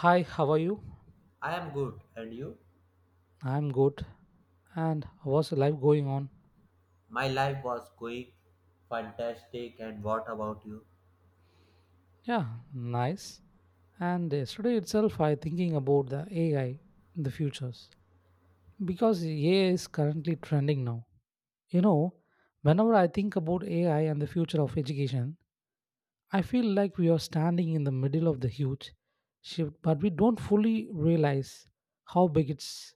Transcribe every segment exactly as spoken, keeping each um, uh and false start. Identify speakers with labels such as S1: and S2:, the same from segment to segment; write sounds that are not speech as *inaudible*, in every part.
S1: Hi, how are you?
S2: I am good, and you?
S1: I'm good. And what's life going on?
S2: My life was going fantastic, and what about you?
S1: Yeah, nice. And yesterday itself, I thinking about the A I in the futures because A I is currently trending now. You know, whenever I think about A I and the future of education, I feel like we are standing in the middle of the huge shift, but we don't fully realize how big it's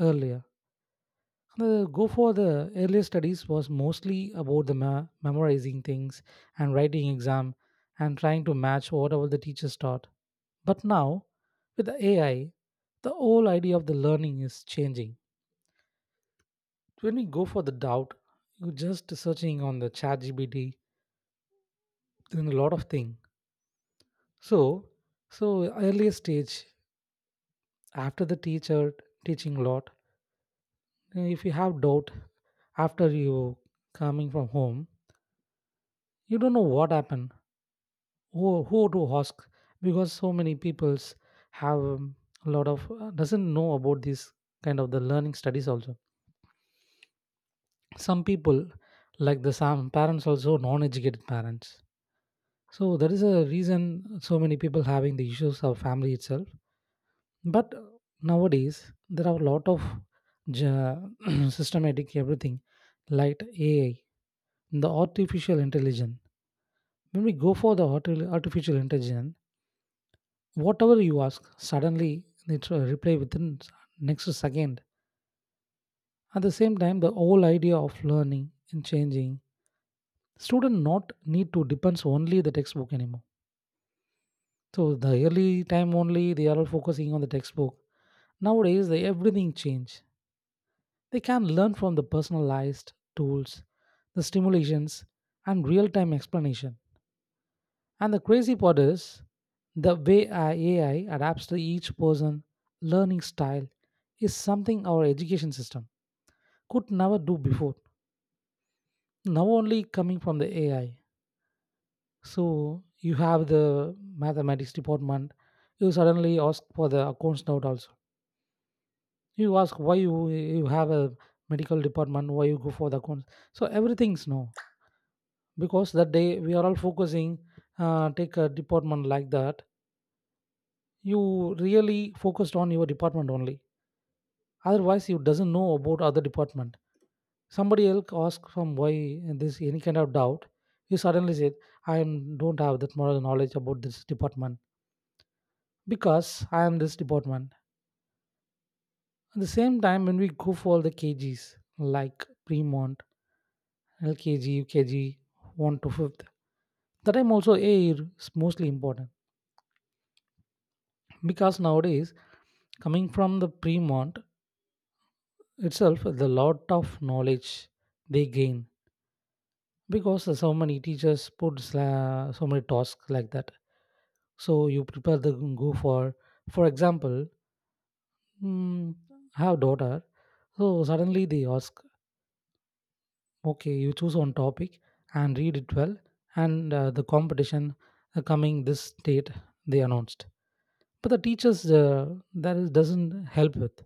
S1: earlier. The go for the earlier studies was mostly about the ma- memorizing things and writing exam and trying to match whatever the teachers taught. But now, with the A I, the whole idea of the learning is changing. When we go for the doubt, you're just searching on the chat G B T, doing a lot of things. So, so earlier stage, after the teacher teaching a lot, if you have doubt after you coming from home, you don't know what happened, who who to ask because so many peoples have um, a lot of, uh, doesn't know about this kind of the learning studies also. Some people like the some parents also non-educated parents, so there is a reason so many people having the issues of family itself. But uh, nowadays there are a lot of ge- *clears throat* systematic everything like AI, the artificial intelligence. When we go for the arti- artificial intelligence, whatever you ask suddenly they tr- reply within s- next second. At the same time the whole idea of learning and changing, student not need to depends only the textbook anymore. So the early time only they are all focusing on the textbook. Nowadays they, everything change, they can learn from the personalized tools, the stimulations and real time explanation. And the crazy part is the way our A I adapts to each person learning style is something our education system could never do before. Now only coming from the A I. So you have the mathematics department. You suddenly ask for the accounts note also. You ask why you you have a medical department, why you go for the accounts. So everything's no because that day we are all focusing. Uh, take a department like that. You really focused on your department only. Otherwise, you doesn't know about other department. Somebody else asks from why this any kind of doubt. You suddenly said, "I am- don't have that moral knowledge about this department because I am this department." At the same time, when we go for the K Gs like Premont, L K G, U K G, one to fifth, the time also A is mostly important because nowadays coming from the Premont itself, the lot of knowledge they gain because so many teachers put sla- so many tasks like that. So you prepare the go for for example, mm, I have daughter. So suddenly they ask, okay, you choose one topic and read it well, and uh, the competition, uh, coming this date they announced. But the teachers, uh, that is doesn't help with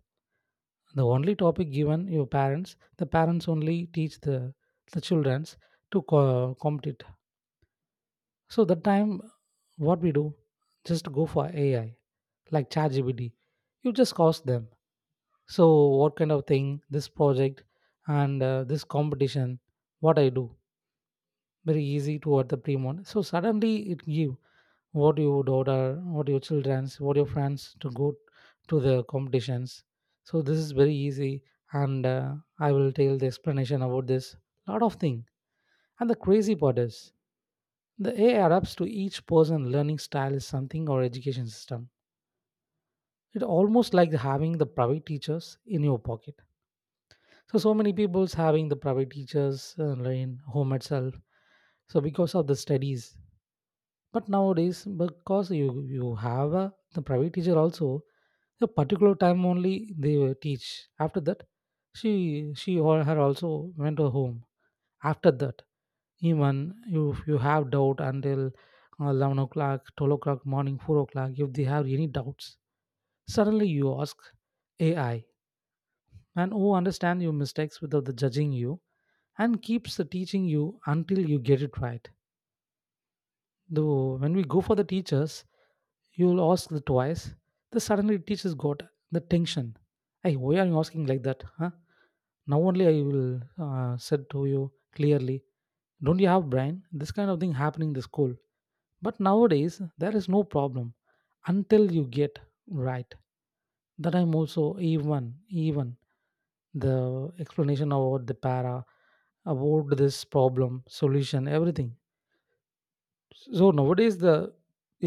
S1: the only topic given, your parents, the parents only teach the the childrens to co- compete. So that time what we do, just go for AI like ChatGPT. You just cost them. So what kind of thing this project and uh, this competition? What I do, very easy to order pre-mod. So suddenly it give what you would order, what your childrens, what your friends to go to the competitions. So this is very easy, and uh, I will tell the explanation about this. Lot of thing. And the crazy part is the A I adapts to each person learning style is something or education system. It almost like having the private teachers in your pocket. So so many people's having the private teachers uh, in home itself, so because of the studies. But nowadays because you you have a, the private teacher also a particular time only they will teach. After that, she she or her also went to home. After that, even if you have doubt until uh, eleven o'clock, twelve o'clock morning, four o'clock, if they have any doubts, suddenly you ask AI, and who understand your mistakes without the judging you and keeps the teaching you until you get it right. Though when we go for the teachers, you'll ask the twice. The suddenly teachers got the tension. Hey, why are you asking like that? Huh? Now only I will uh, said to you clearly. Don't you have brain? This kind of thing happening in the school. But nowadays there is no problem until you get right. That I'm also, even even. The explanation about the para, about this problem solution, everything. So nowadays the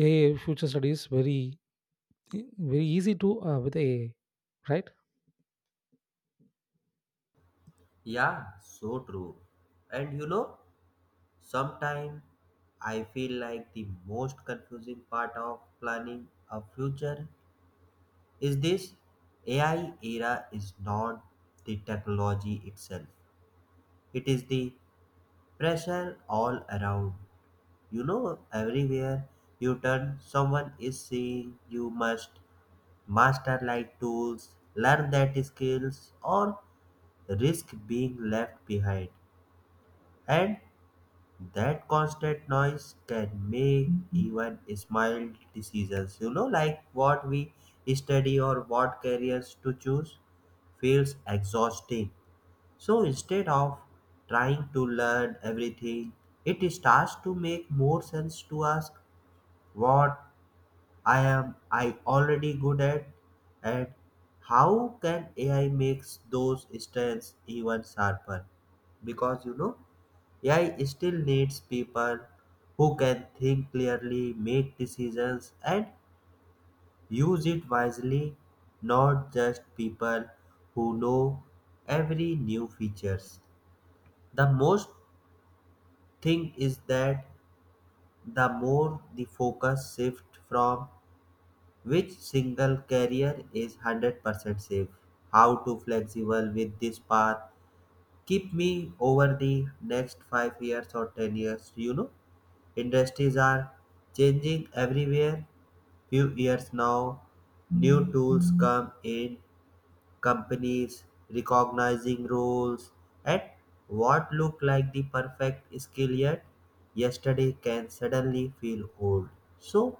S1: AI future studies very very easy to, uh, with AI, right?
S2: Yeah, so true. And you know, sometimes I feel like the most confusing part of planning a future is this A I era is not the technology itself, it is the pressure all around. You know, everywhere you turn, someone is saying you must master like tools, learn that skills, or risk being left behind. And that constant noise can make even small decisions, you know, like what we study or what careers to choose, feels exhausting. So instead of trying to learn everything, it starts to make more sense to ask what I am I already good at and how can A I makes those strengths even sharper? Because you know A I still needs people who can think clearly, make decisions and use it wisely, not just people who know every new features. The most thing is that the more the focus shift from which single carrier is one hundred percent safe? How to flexible with this path? Keep me over the next five years or ten years. You know, industries are changing everywhere. Few years now, new tools come in, companies recognizing roles and what look like the perfect skill yet yesterday can suddenly feel old. So,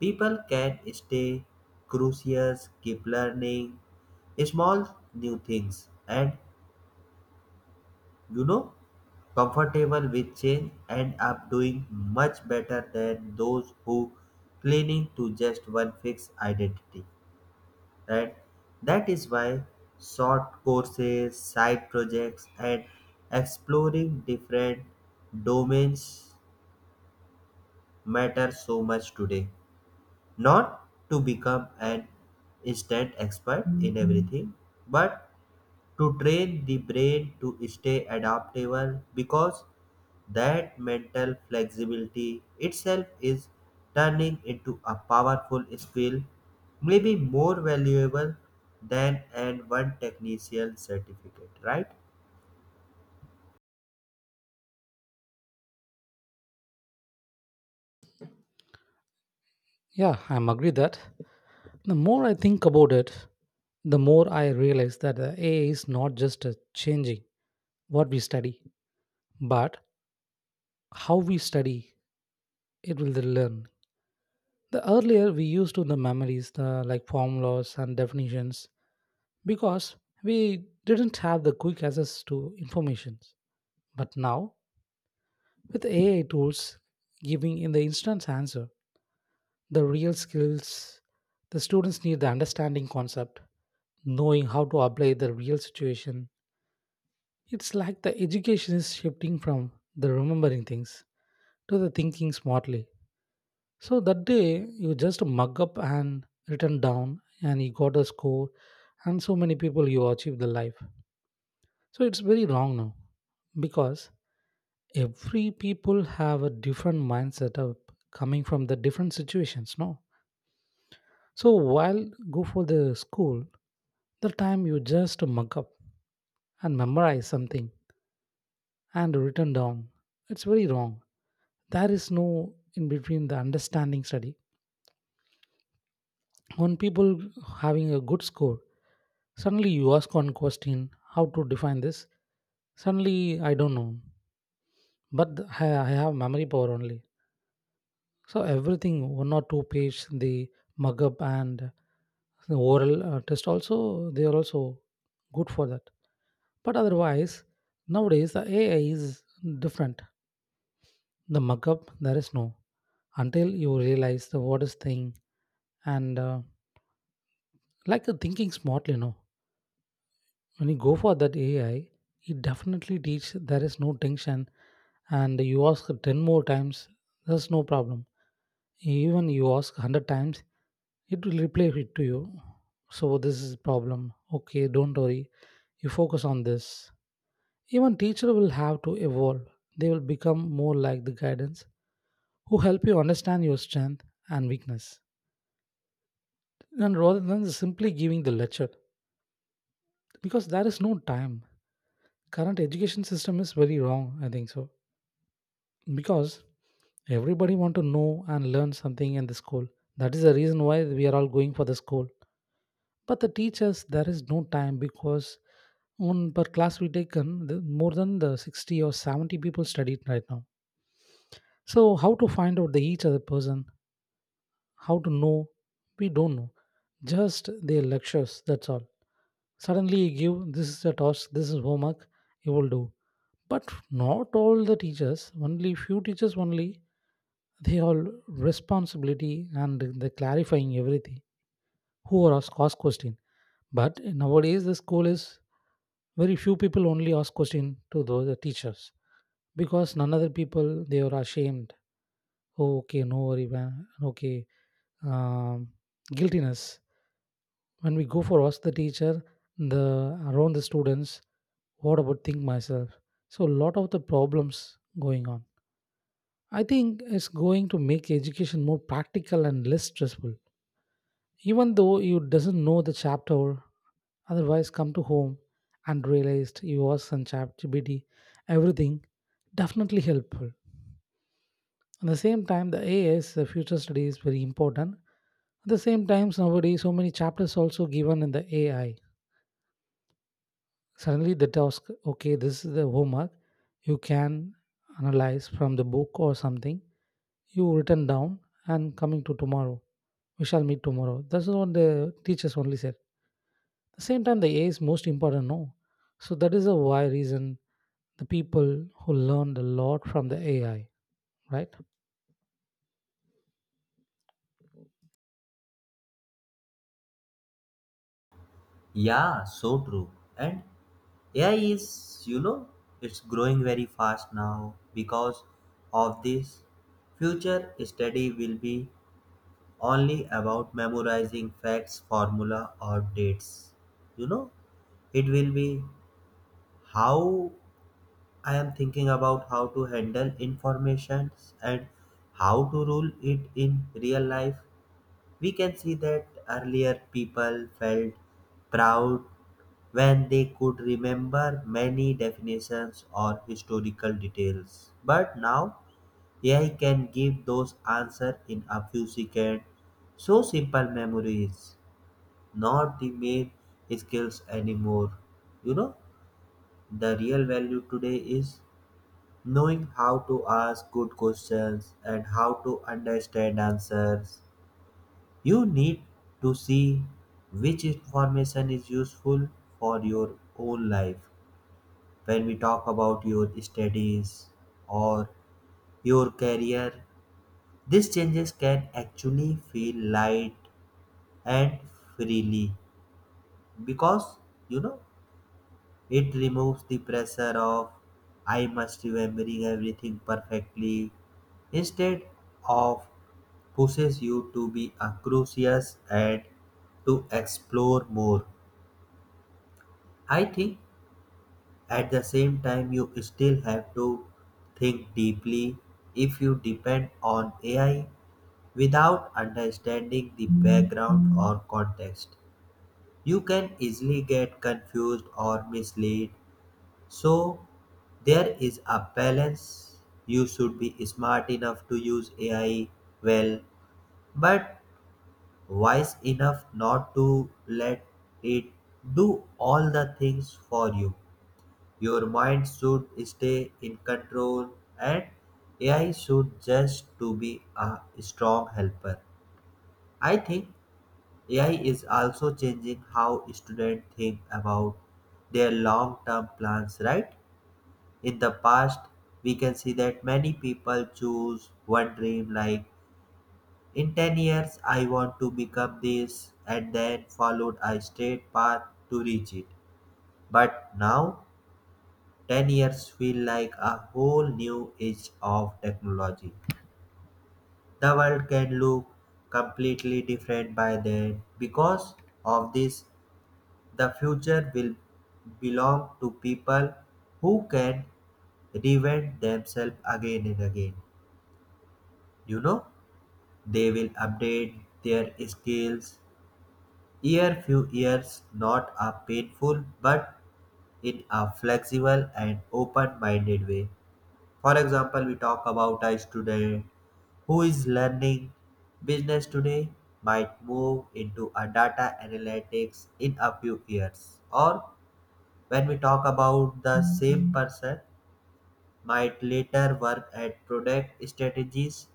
S2: people can stay curious, keep learning small new things, and you know, comfortable with change and up doing much better than those who clinging to just one fixed identity. Right? That is why short courses, side projects, and exploring different domains matter so much today, not to become an instant expert in everything, but to train the brain to stay adaptable because that mental flexibility itself is turning into a powerful skill, maybe more valuable than an one technician certificate, right?
S1: Yeah, I'm agree that. The more I think about it, the more I realize that the AI is not just, uh, changing what we study, but how we study. It will learn. The earlier we used to the memories the like formulas and definitions because we didn't have the quick access to information. But now, with A I tools giving in the instant answer, the real skills the students need the understanding concept, knowing how to apply the real situation. It's like the education is shifting from the remembering things to the thinking smartly. So that day you just mug up and written down and you got a score and so many people you achieve the life. So it's very wrong now because every people have a different mindset of coming from the different situations, no? So while go for the school, the time you just mug up and memorize something and written down, it's very wrong. There is no in between the understanding study. When people having a good score, suddenly you ask one question, how to define this? Suddenly I don't know. But th- I I have memory power only. So everything, one or two page, the mug up and the oral uh, test also, they are also good for that. But otherwise, nowadays the A I is different. The mug up, there is no until you realize the what is thing and, uh, like the thinking smartly. No, when you go for that A I, it definitely teach there is no tension, and you ask ten more times, there's no problem. Even you ask one hundred times, it will replay it to you. So this is problem, okay, don't worry, you focus on this. Even teacher will have to evolve, they will become more like the guidance who help you understand your strength and weakness and rather than simply giving the lecture because there is no time. Current education system is very wrong, I think so, because everybody want to know and learn something in the school. That is the reason why we are all going for the school. But the teachers, there is no time because on per class we taken the, more than the sixty or seventy people studied right now. So how to find out the each other person? How to know? We don't know. Just their lectures. That's all. Suddenly you give this is a task. This is homework. You will do. But not all the teachers. Only few teachers only they all responsibility and the clarifying everything who are ask, ask question. But nowadays the school is, very few people only ask question to those the teachers because none other people they are ashamed. Oh, okay, no worry, man. Okay, um, guiltiness. When we go for ask the teacher, the around the students, what about think myself? So a lot of the problems going on. I think it's going to make education more practical and less stressful, even though you doesn't know the chapter. Otherwise come to home and realized you was on ChatGPT, everything definitely helpful. At the same time the A S the future study is very important. At the same time nowadays so many chapters also given in the A I. Suddenly the task, okay, this is the homework. You can analyze from the book or something. You written down and coming to tomorrow, we shall meet tomorrow, that's what the teachers only said. The same time the AI is most important, no? So that is a why reason the people who learned a lot from the AI, right?
S2: Yeah, so true. And A I is, you know, it's growing very fast now because of this. Future study will be only about memorizing facts, formula, or dates. You know, it will be how I am thinking about how to handle information and how to rule it in real life. We can see that earlier people felt proud when they could remember many definitions or historical details. But now A I can give those answers in a few seconds. So simple memory is not the main skills anymore. You know, the real value today is knowing how to ask good questions and how to understand answers. You need to see which information is useful for your own life. When we talk about your studies or your career, these changes can actually feel light and freely because you know it removes the pressure of I must remembering everything perfectly instead of pushes you to be a curious and to explore more. I think at the same time you still have to think deeply. If you depend on A I without understanding the background or context, you can easily get confused or misled. So there is a balance. You should be smart enough to use A I well, but wise enough not to let it do all the things for you. Your mind should stay in control and A I should just to be a strong helper. I think A I is also changing how students think about their long-term plans, right? In the past, we can see that many people choose one dream like in ten years I want to become this and then followed a straight path to reach it. But now ten years feel like a whole new age of technology. The world can look completely different by then. Because of this, the future will belong to people who can reinvent themselves again and again. You know, they will update their skills year few years, not a painful but in a flexible and open minded way. For example, we talk about a student who is learning business today might move into a data analytics in a few years. Or when we talk about the same person might later work at product strategies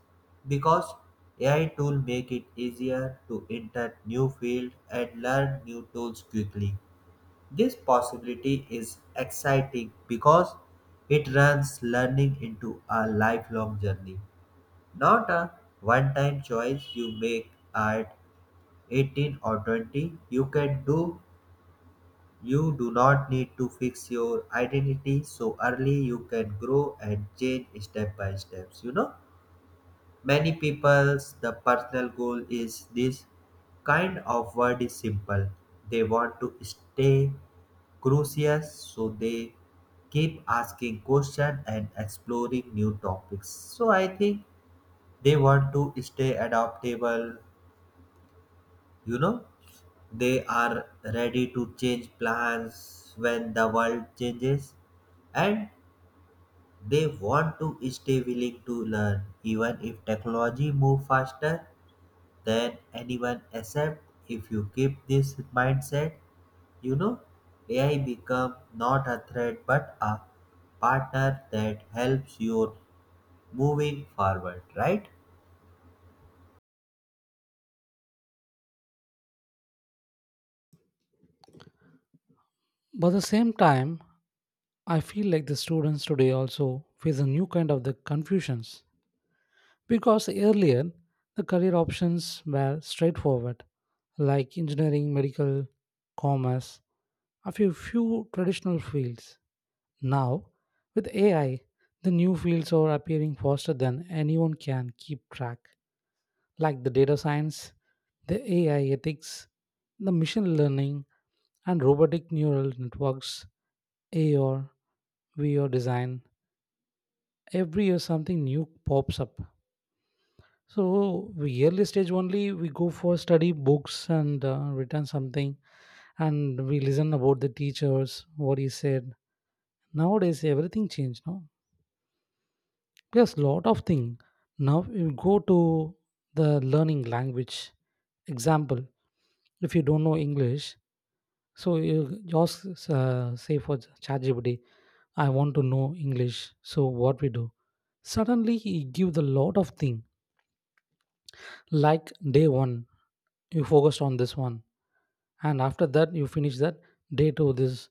S2: because A I tool make it easier to enter new field and learn new tools quickly. This possibility is exciting because it runs learning into a lifelong journey, not a one time choice you make at eighteen or twenty. You can do you do not need to fix your identity so early. You can grow and change step by steps, you know. Many people's the personal goal is this kind of word is simple. They want to stay curious, so they keep asking questions and exploring new topics. So I think they want to stay adaptable. You know, they are ready to change plans when the world changes, and they want to stay willing to learn even if technology move faster than anyone except if you keep this mindset, you know, AI become not a threat but a partner that helps you moving forward, right?
S1: But at the same time I feel like the students today also face a new kind of the confusions because earlier the career options were straightforward like engineering, medical, commerce, a few few traditional fields. Now with AI, the new fields are appearing faster than anyone can keep track, like the data science, the A I ethics, the machine learning, and robotic neural networks, A R, V R design. Every year something new pops up. So we early stage only we go for study books and, uh, return something, and we listen about the teachers what he said. Nowadays everything changed, no? There's lot of thing. Now you go to the learning language. Example, if you don't know English, so you just, uh, say for ChatGPT, I want to know English. So what we do? Suddenly he give the lot of thing. Like day one, you focused on this one, and after that you finish that day two this.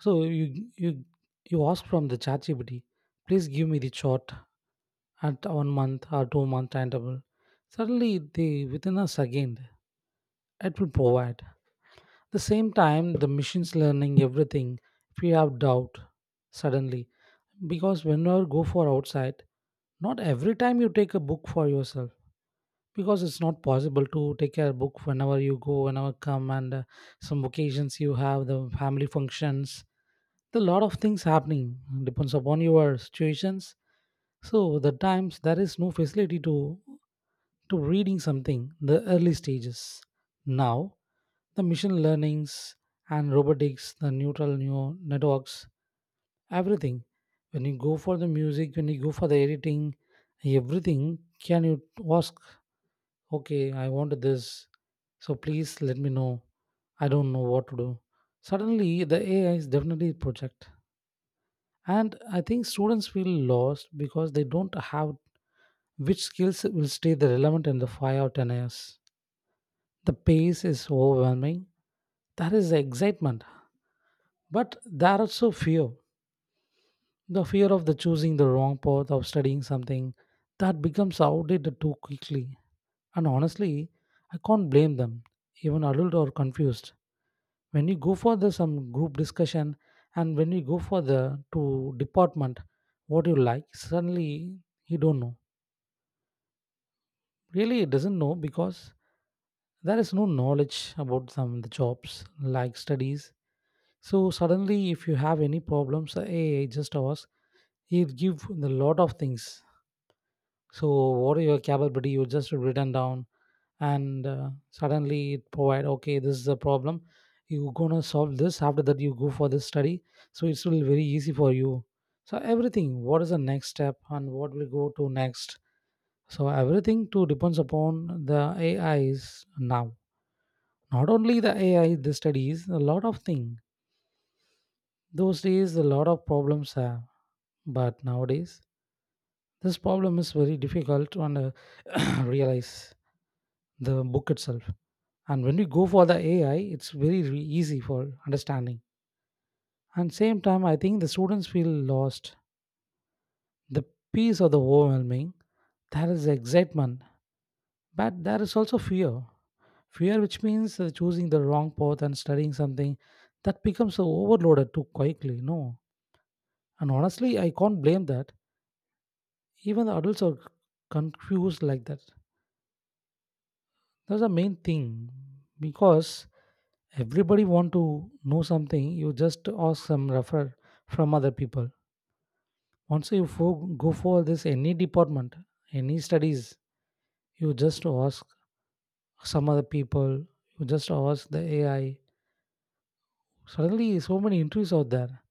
S1: So you you you ask from the ChatGPT, please give me the chart at one month or two month timetable. Suddenly they within a second it will provide. The same time the machines learning everything. If you have doubt, suddenly. Because whenever go for outside, not every time you take a book for yourself because it's not possible to take a book whenever you go whenever come and uh, some occasions you have the family functions, the lot of things happening depends upon your situations. So the times there is no facility to to reading something the early stages. Now the machine learnings and robotics, the neural neural networks, everything. When you go for the music, when you go for the editing, everything. Can you ask, okay, I want this, so please let me know, I don't know what to do. Suddenly the AI is definitely a project. And I think students feel lost because they don't have which skills will stay the relevant in the five or ten years. The pace is overwhelming. That is the excitement, but there are also fear. The fear of the choosing the wrong path of studying something that becomes outdated too quickly. And honestly, I can't blame them. Even adult are confused. When you go for the some group discussion and when you go for the to department, what you like, suddenly you don't know. Really it doesn't know because there is no knowledge about some the jobs like studies. So suddenly if you have any problems, hey, just ask. He'll give the lot of things. So what are your capability, you just written down, and uh, suddenly it provide, okay, this is a problem you gonna solve this, after that you go for this study. So it's will very easy for you. So everything, what is the next step and what will go to next. So everything too depends upon the AIs now. Not only the AI, the studies, a lot of thing. Those days a lot of problems have, but nowadays this problem is very difficult to under- *coughs* *clears throat* realize the book itself. And when we go for the AI, it's very re- easy for understanding. And same time I think the students feel lost, the piece of the overwhelming. There is excitement, but there is also fear. Fear which means uh, choosing the wrong path and studying something that becomes so overloaded too quickly, no. And honestly, I can't blame that. Even the adults are confused like that. That's the main thing. Because everybody want to know something, you just ask some refer from other people. Once you fo- go for this any department, any studies, you just ask some other people, you just ask the AI. Suddenly so many interviews out there.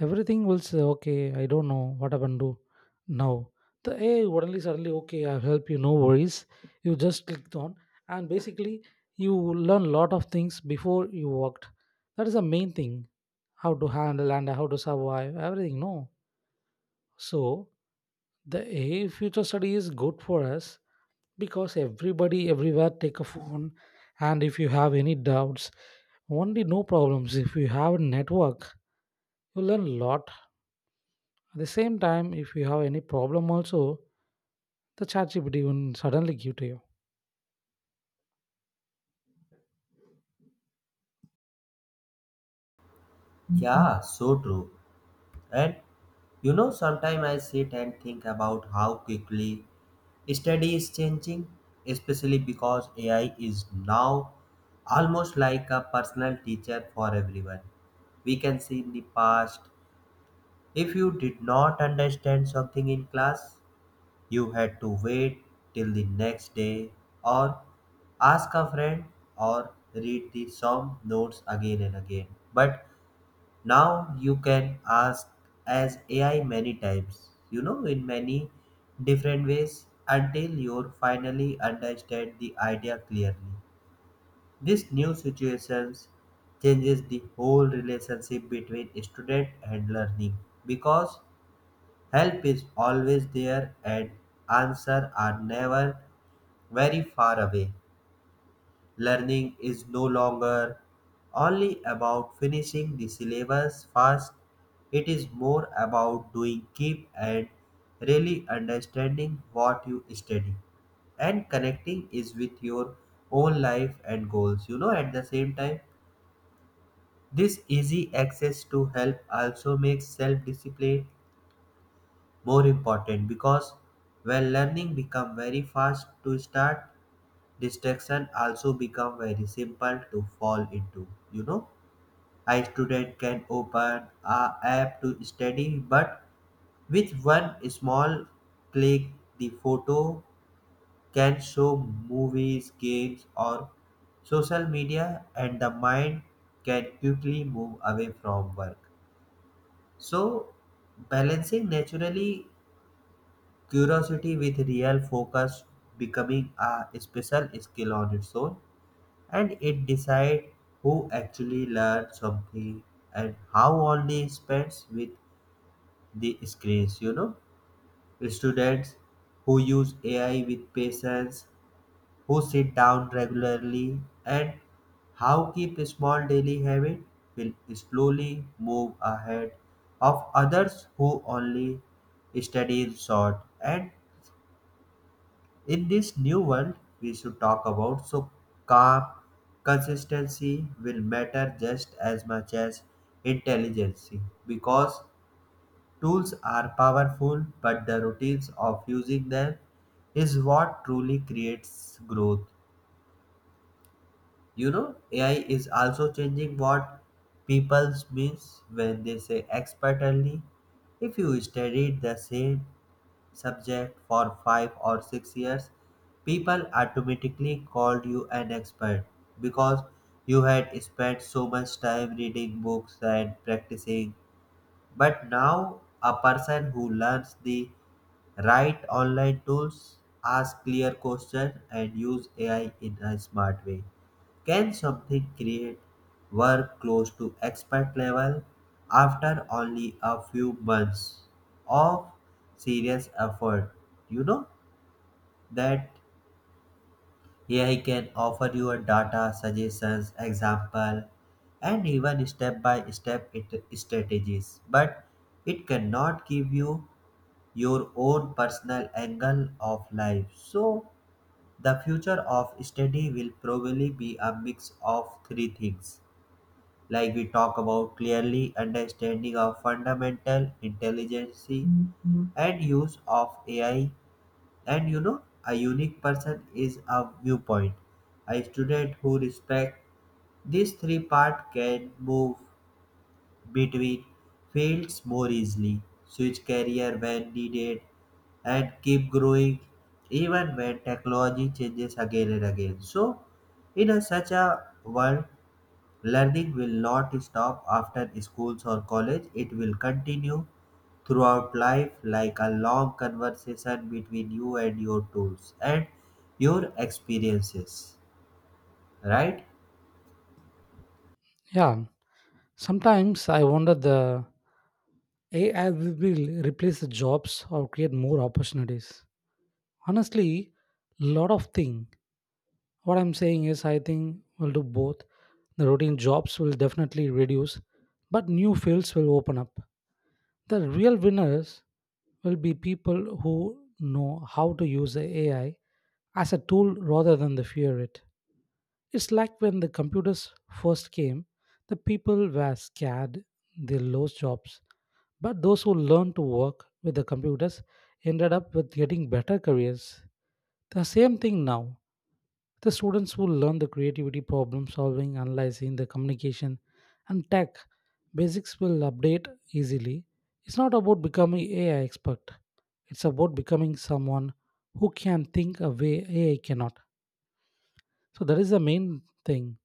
S1: Everything will say, okay, I don't know what happened to now. The A I suddenly, suddenly, okay, I'll help you, no worries. You just clicked on, and basically, you learn a lot of things before you worked. That is the main thing, how to handle and how to survive, everything, no. So, the A I future study is good for us because everybody, everywhere, take a phone. And if you have any doubts, only no problems. If you have a network, you learn a lot. At the same time, if you have any problem also, the ChatGPT will suddenly give to you.
S2: Yeah, so true. And you know, sometimes I sit and think about how quickly study is changing, especially because AI is now almost like a personal teacher for everyone. We can see in the past, if you did not understand something in class, you had to wait till the next day or ask a friend or read the sum notes again and again. But now you can ask as A I many times, you know, in many different ways until you finally understand the idea clearly. This new situations changes the whole relationship between student and learning because help is always there and answers are never very far away. Learning is no longer only about finishing the syllabus fast, it is more about doing keep and really understanding what you study and connecting is with your own life and goals, you know. At the same time, this easy access to help also makes self discipline more important because when learning become very fast to start, distraction also become very simple to fall into. You know, a student can open a app to study, but with one small click the photo can show movies, games or social media and the mind can quickly move away from work. So balancing naturally curiosity with real focus becoming a special skill on its own, and it decides who actually learns something and how only spends with the screens, you know. Students who use A I with patience, who sit down regularly and how keep a small daily habit will slowly move ahead of others who only study in short and in this new world, we should talk about so calm consistency will matter just as much as intelligence because tools are powerful, but the routines of using them is what truly creates growth. You know, A I is also changing what people means when they say expertly. If you studied the same subject for five or six years, people automatically called you an expert because you had spent so much time reading books and practicing. But now, a person who learns the right online tools, ask clear questions, and use A I in a smart way can something create work close to expert level after only a few months of serious effort? You know that here he can offer you a data, suggestions, example, and even step-by-step it- strategies. But it cannot give you your own personal angle of life. So the future of study will probably be a mix of three things. Like we talk about clearly understanding of fundamental intelligence and use of A I and you know, a unique person is a viewpoint. A student who respects these three parts can move between fields more easily, switch career when needed, and keep growing even when technology changes again and again. So, in a, such a world, learning will not stop after schools or college, it will continue throughout life like a long conversation between you and your tools and your experiences. Right?
S1: Yeah. Sometimes I wonder the A I will replace the jobs or create more opportunities. Honestly, lot of thing. What I'm saying is I think we'll do both. The routine jobs will definitely reduce, but new fields will open up. The real winners will be people who know how to use the A I as a tool rather than the fear it. It's like when the computers first came, the people were scared, they lost jobs. But those who learned to work with the computers ended up with getting better careers. The same thing now. The students who learn the creativity, problem solving, analyzing, the communication, and tech basics will update easily. It's not about becoming A I expert. It's about becoming someone who can think a way A I cannot. So that is the main thing.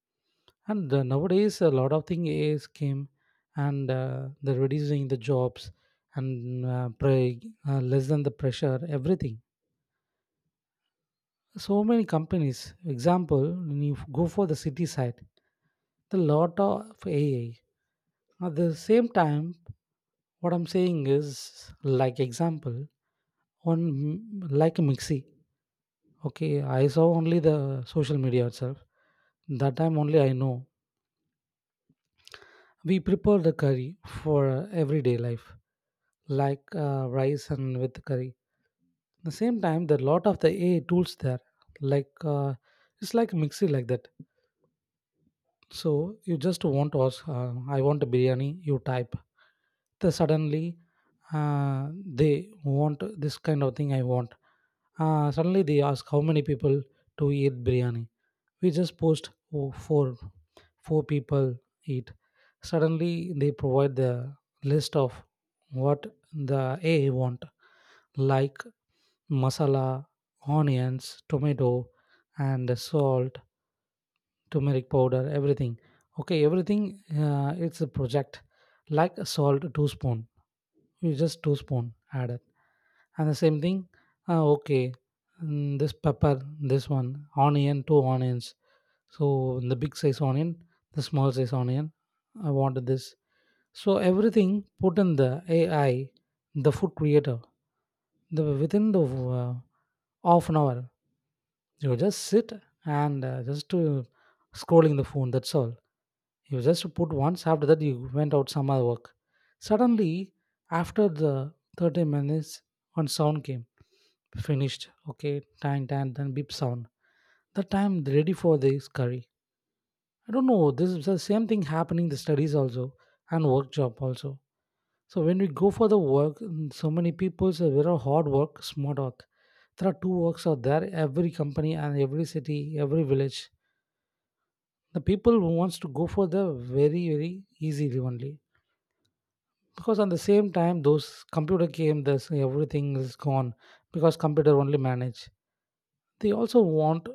S1: And the, nowadays, a lot of thing A Is came, and uh, they're reducing the jobs and uh, pre- uh, less than the pressure, everything. So many companies. Example, when you go for the city side, the lot of A I. At the same time, what I'm saying is, like example, on m- like a mixie. Okay, I saw only the social media itself. That time only I know. We prepare the curry for everyday life. Like uh, rice and with curry. At the same time, there are lot of the A I tools there, like uh, it's like mixy like that. So you just want to ask, uh, I want a biryani. You type, then suddenly uh, they want this kind of thing. I want. Uh, suddenly they ask how many people to eat biryani. We just post, oh, four four people eat. Suddenly, they provide the list of what the A I want, like masala, onions, tomato, and salt, turmeric powder, everything. Okay, everything. Uh, it's a project like a salt two spoon, you just two spoon added. And the same thing, uh, okay, mm, this pepper, this one, onion, two onions. So the big size onion, the small size onion, I wanted this. So everything put in the AI, the food creator, the within the uh, half an hour. You just sit and uh, just to scrolling the phone, that's all. You just put once, after that, you went out some other work. Suddenly, after the thirty minutes, one sound came. Finished. Okay, tan, tan, then beep sound. That time, they're ready for this curry. I don't know. This is the same thing happening the studies also and work job also. So when we go for the work, mm, so many people say very hard work, smart work. There are two works out there, every company and every city, every village. The people who wants to go for the very, very easily only, because on the same time those computer game this everything is gone because computer only manage. They also want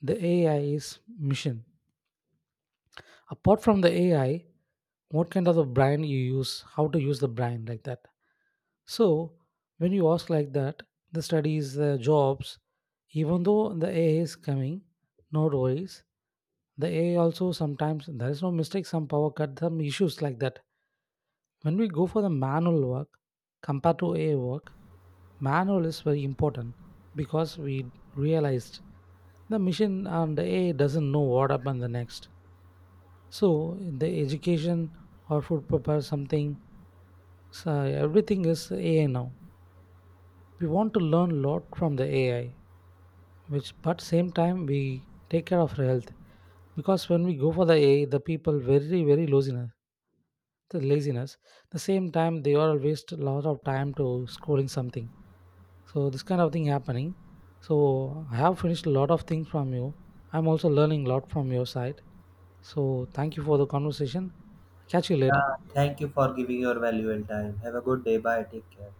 S1: the AI's mission. Apart from the AI, what kind of the brain you use, how to use the brain like that. So when you ask like that, the studies, the jobs, even though the A I is coming, no worries. The A I also sometimes there is no mistake, some power cut, some issues like that. When we go for the manual work compared to A I work, manual is very important because we realized the machine and A I doesn't know what happened the next. So in the education or food prepare something, so everything is A I now. We want to learn a lot from the A I, which but same time we take care of our health because when we go for the A I, the people very very laziness, the laziness. The same time they all waste a lot of time to scrolling something. So this kind of thing happening. So I have finished a lot of things from you. I'm also learning a lot from your side. So thank you for the conversation. Catch you later.
S2: Yeah, thank you for giving your valuable time. Have a good day. Bye. Take care.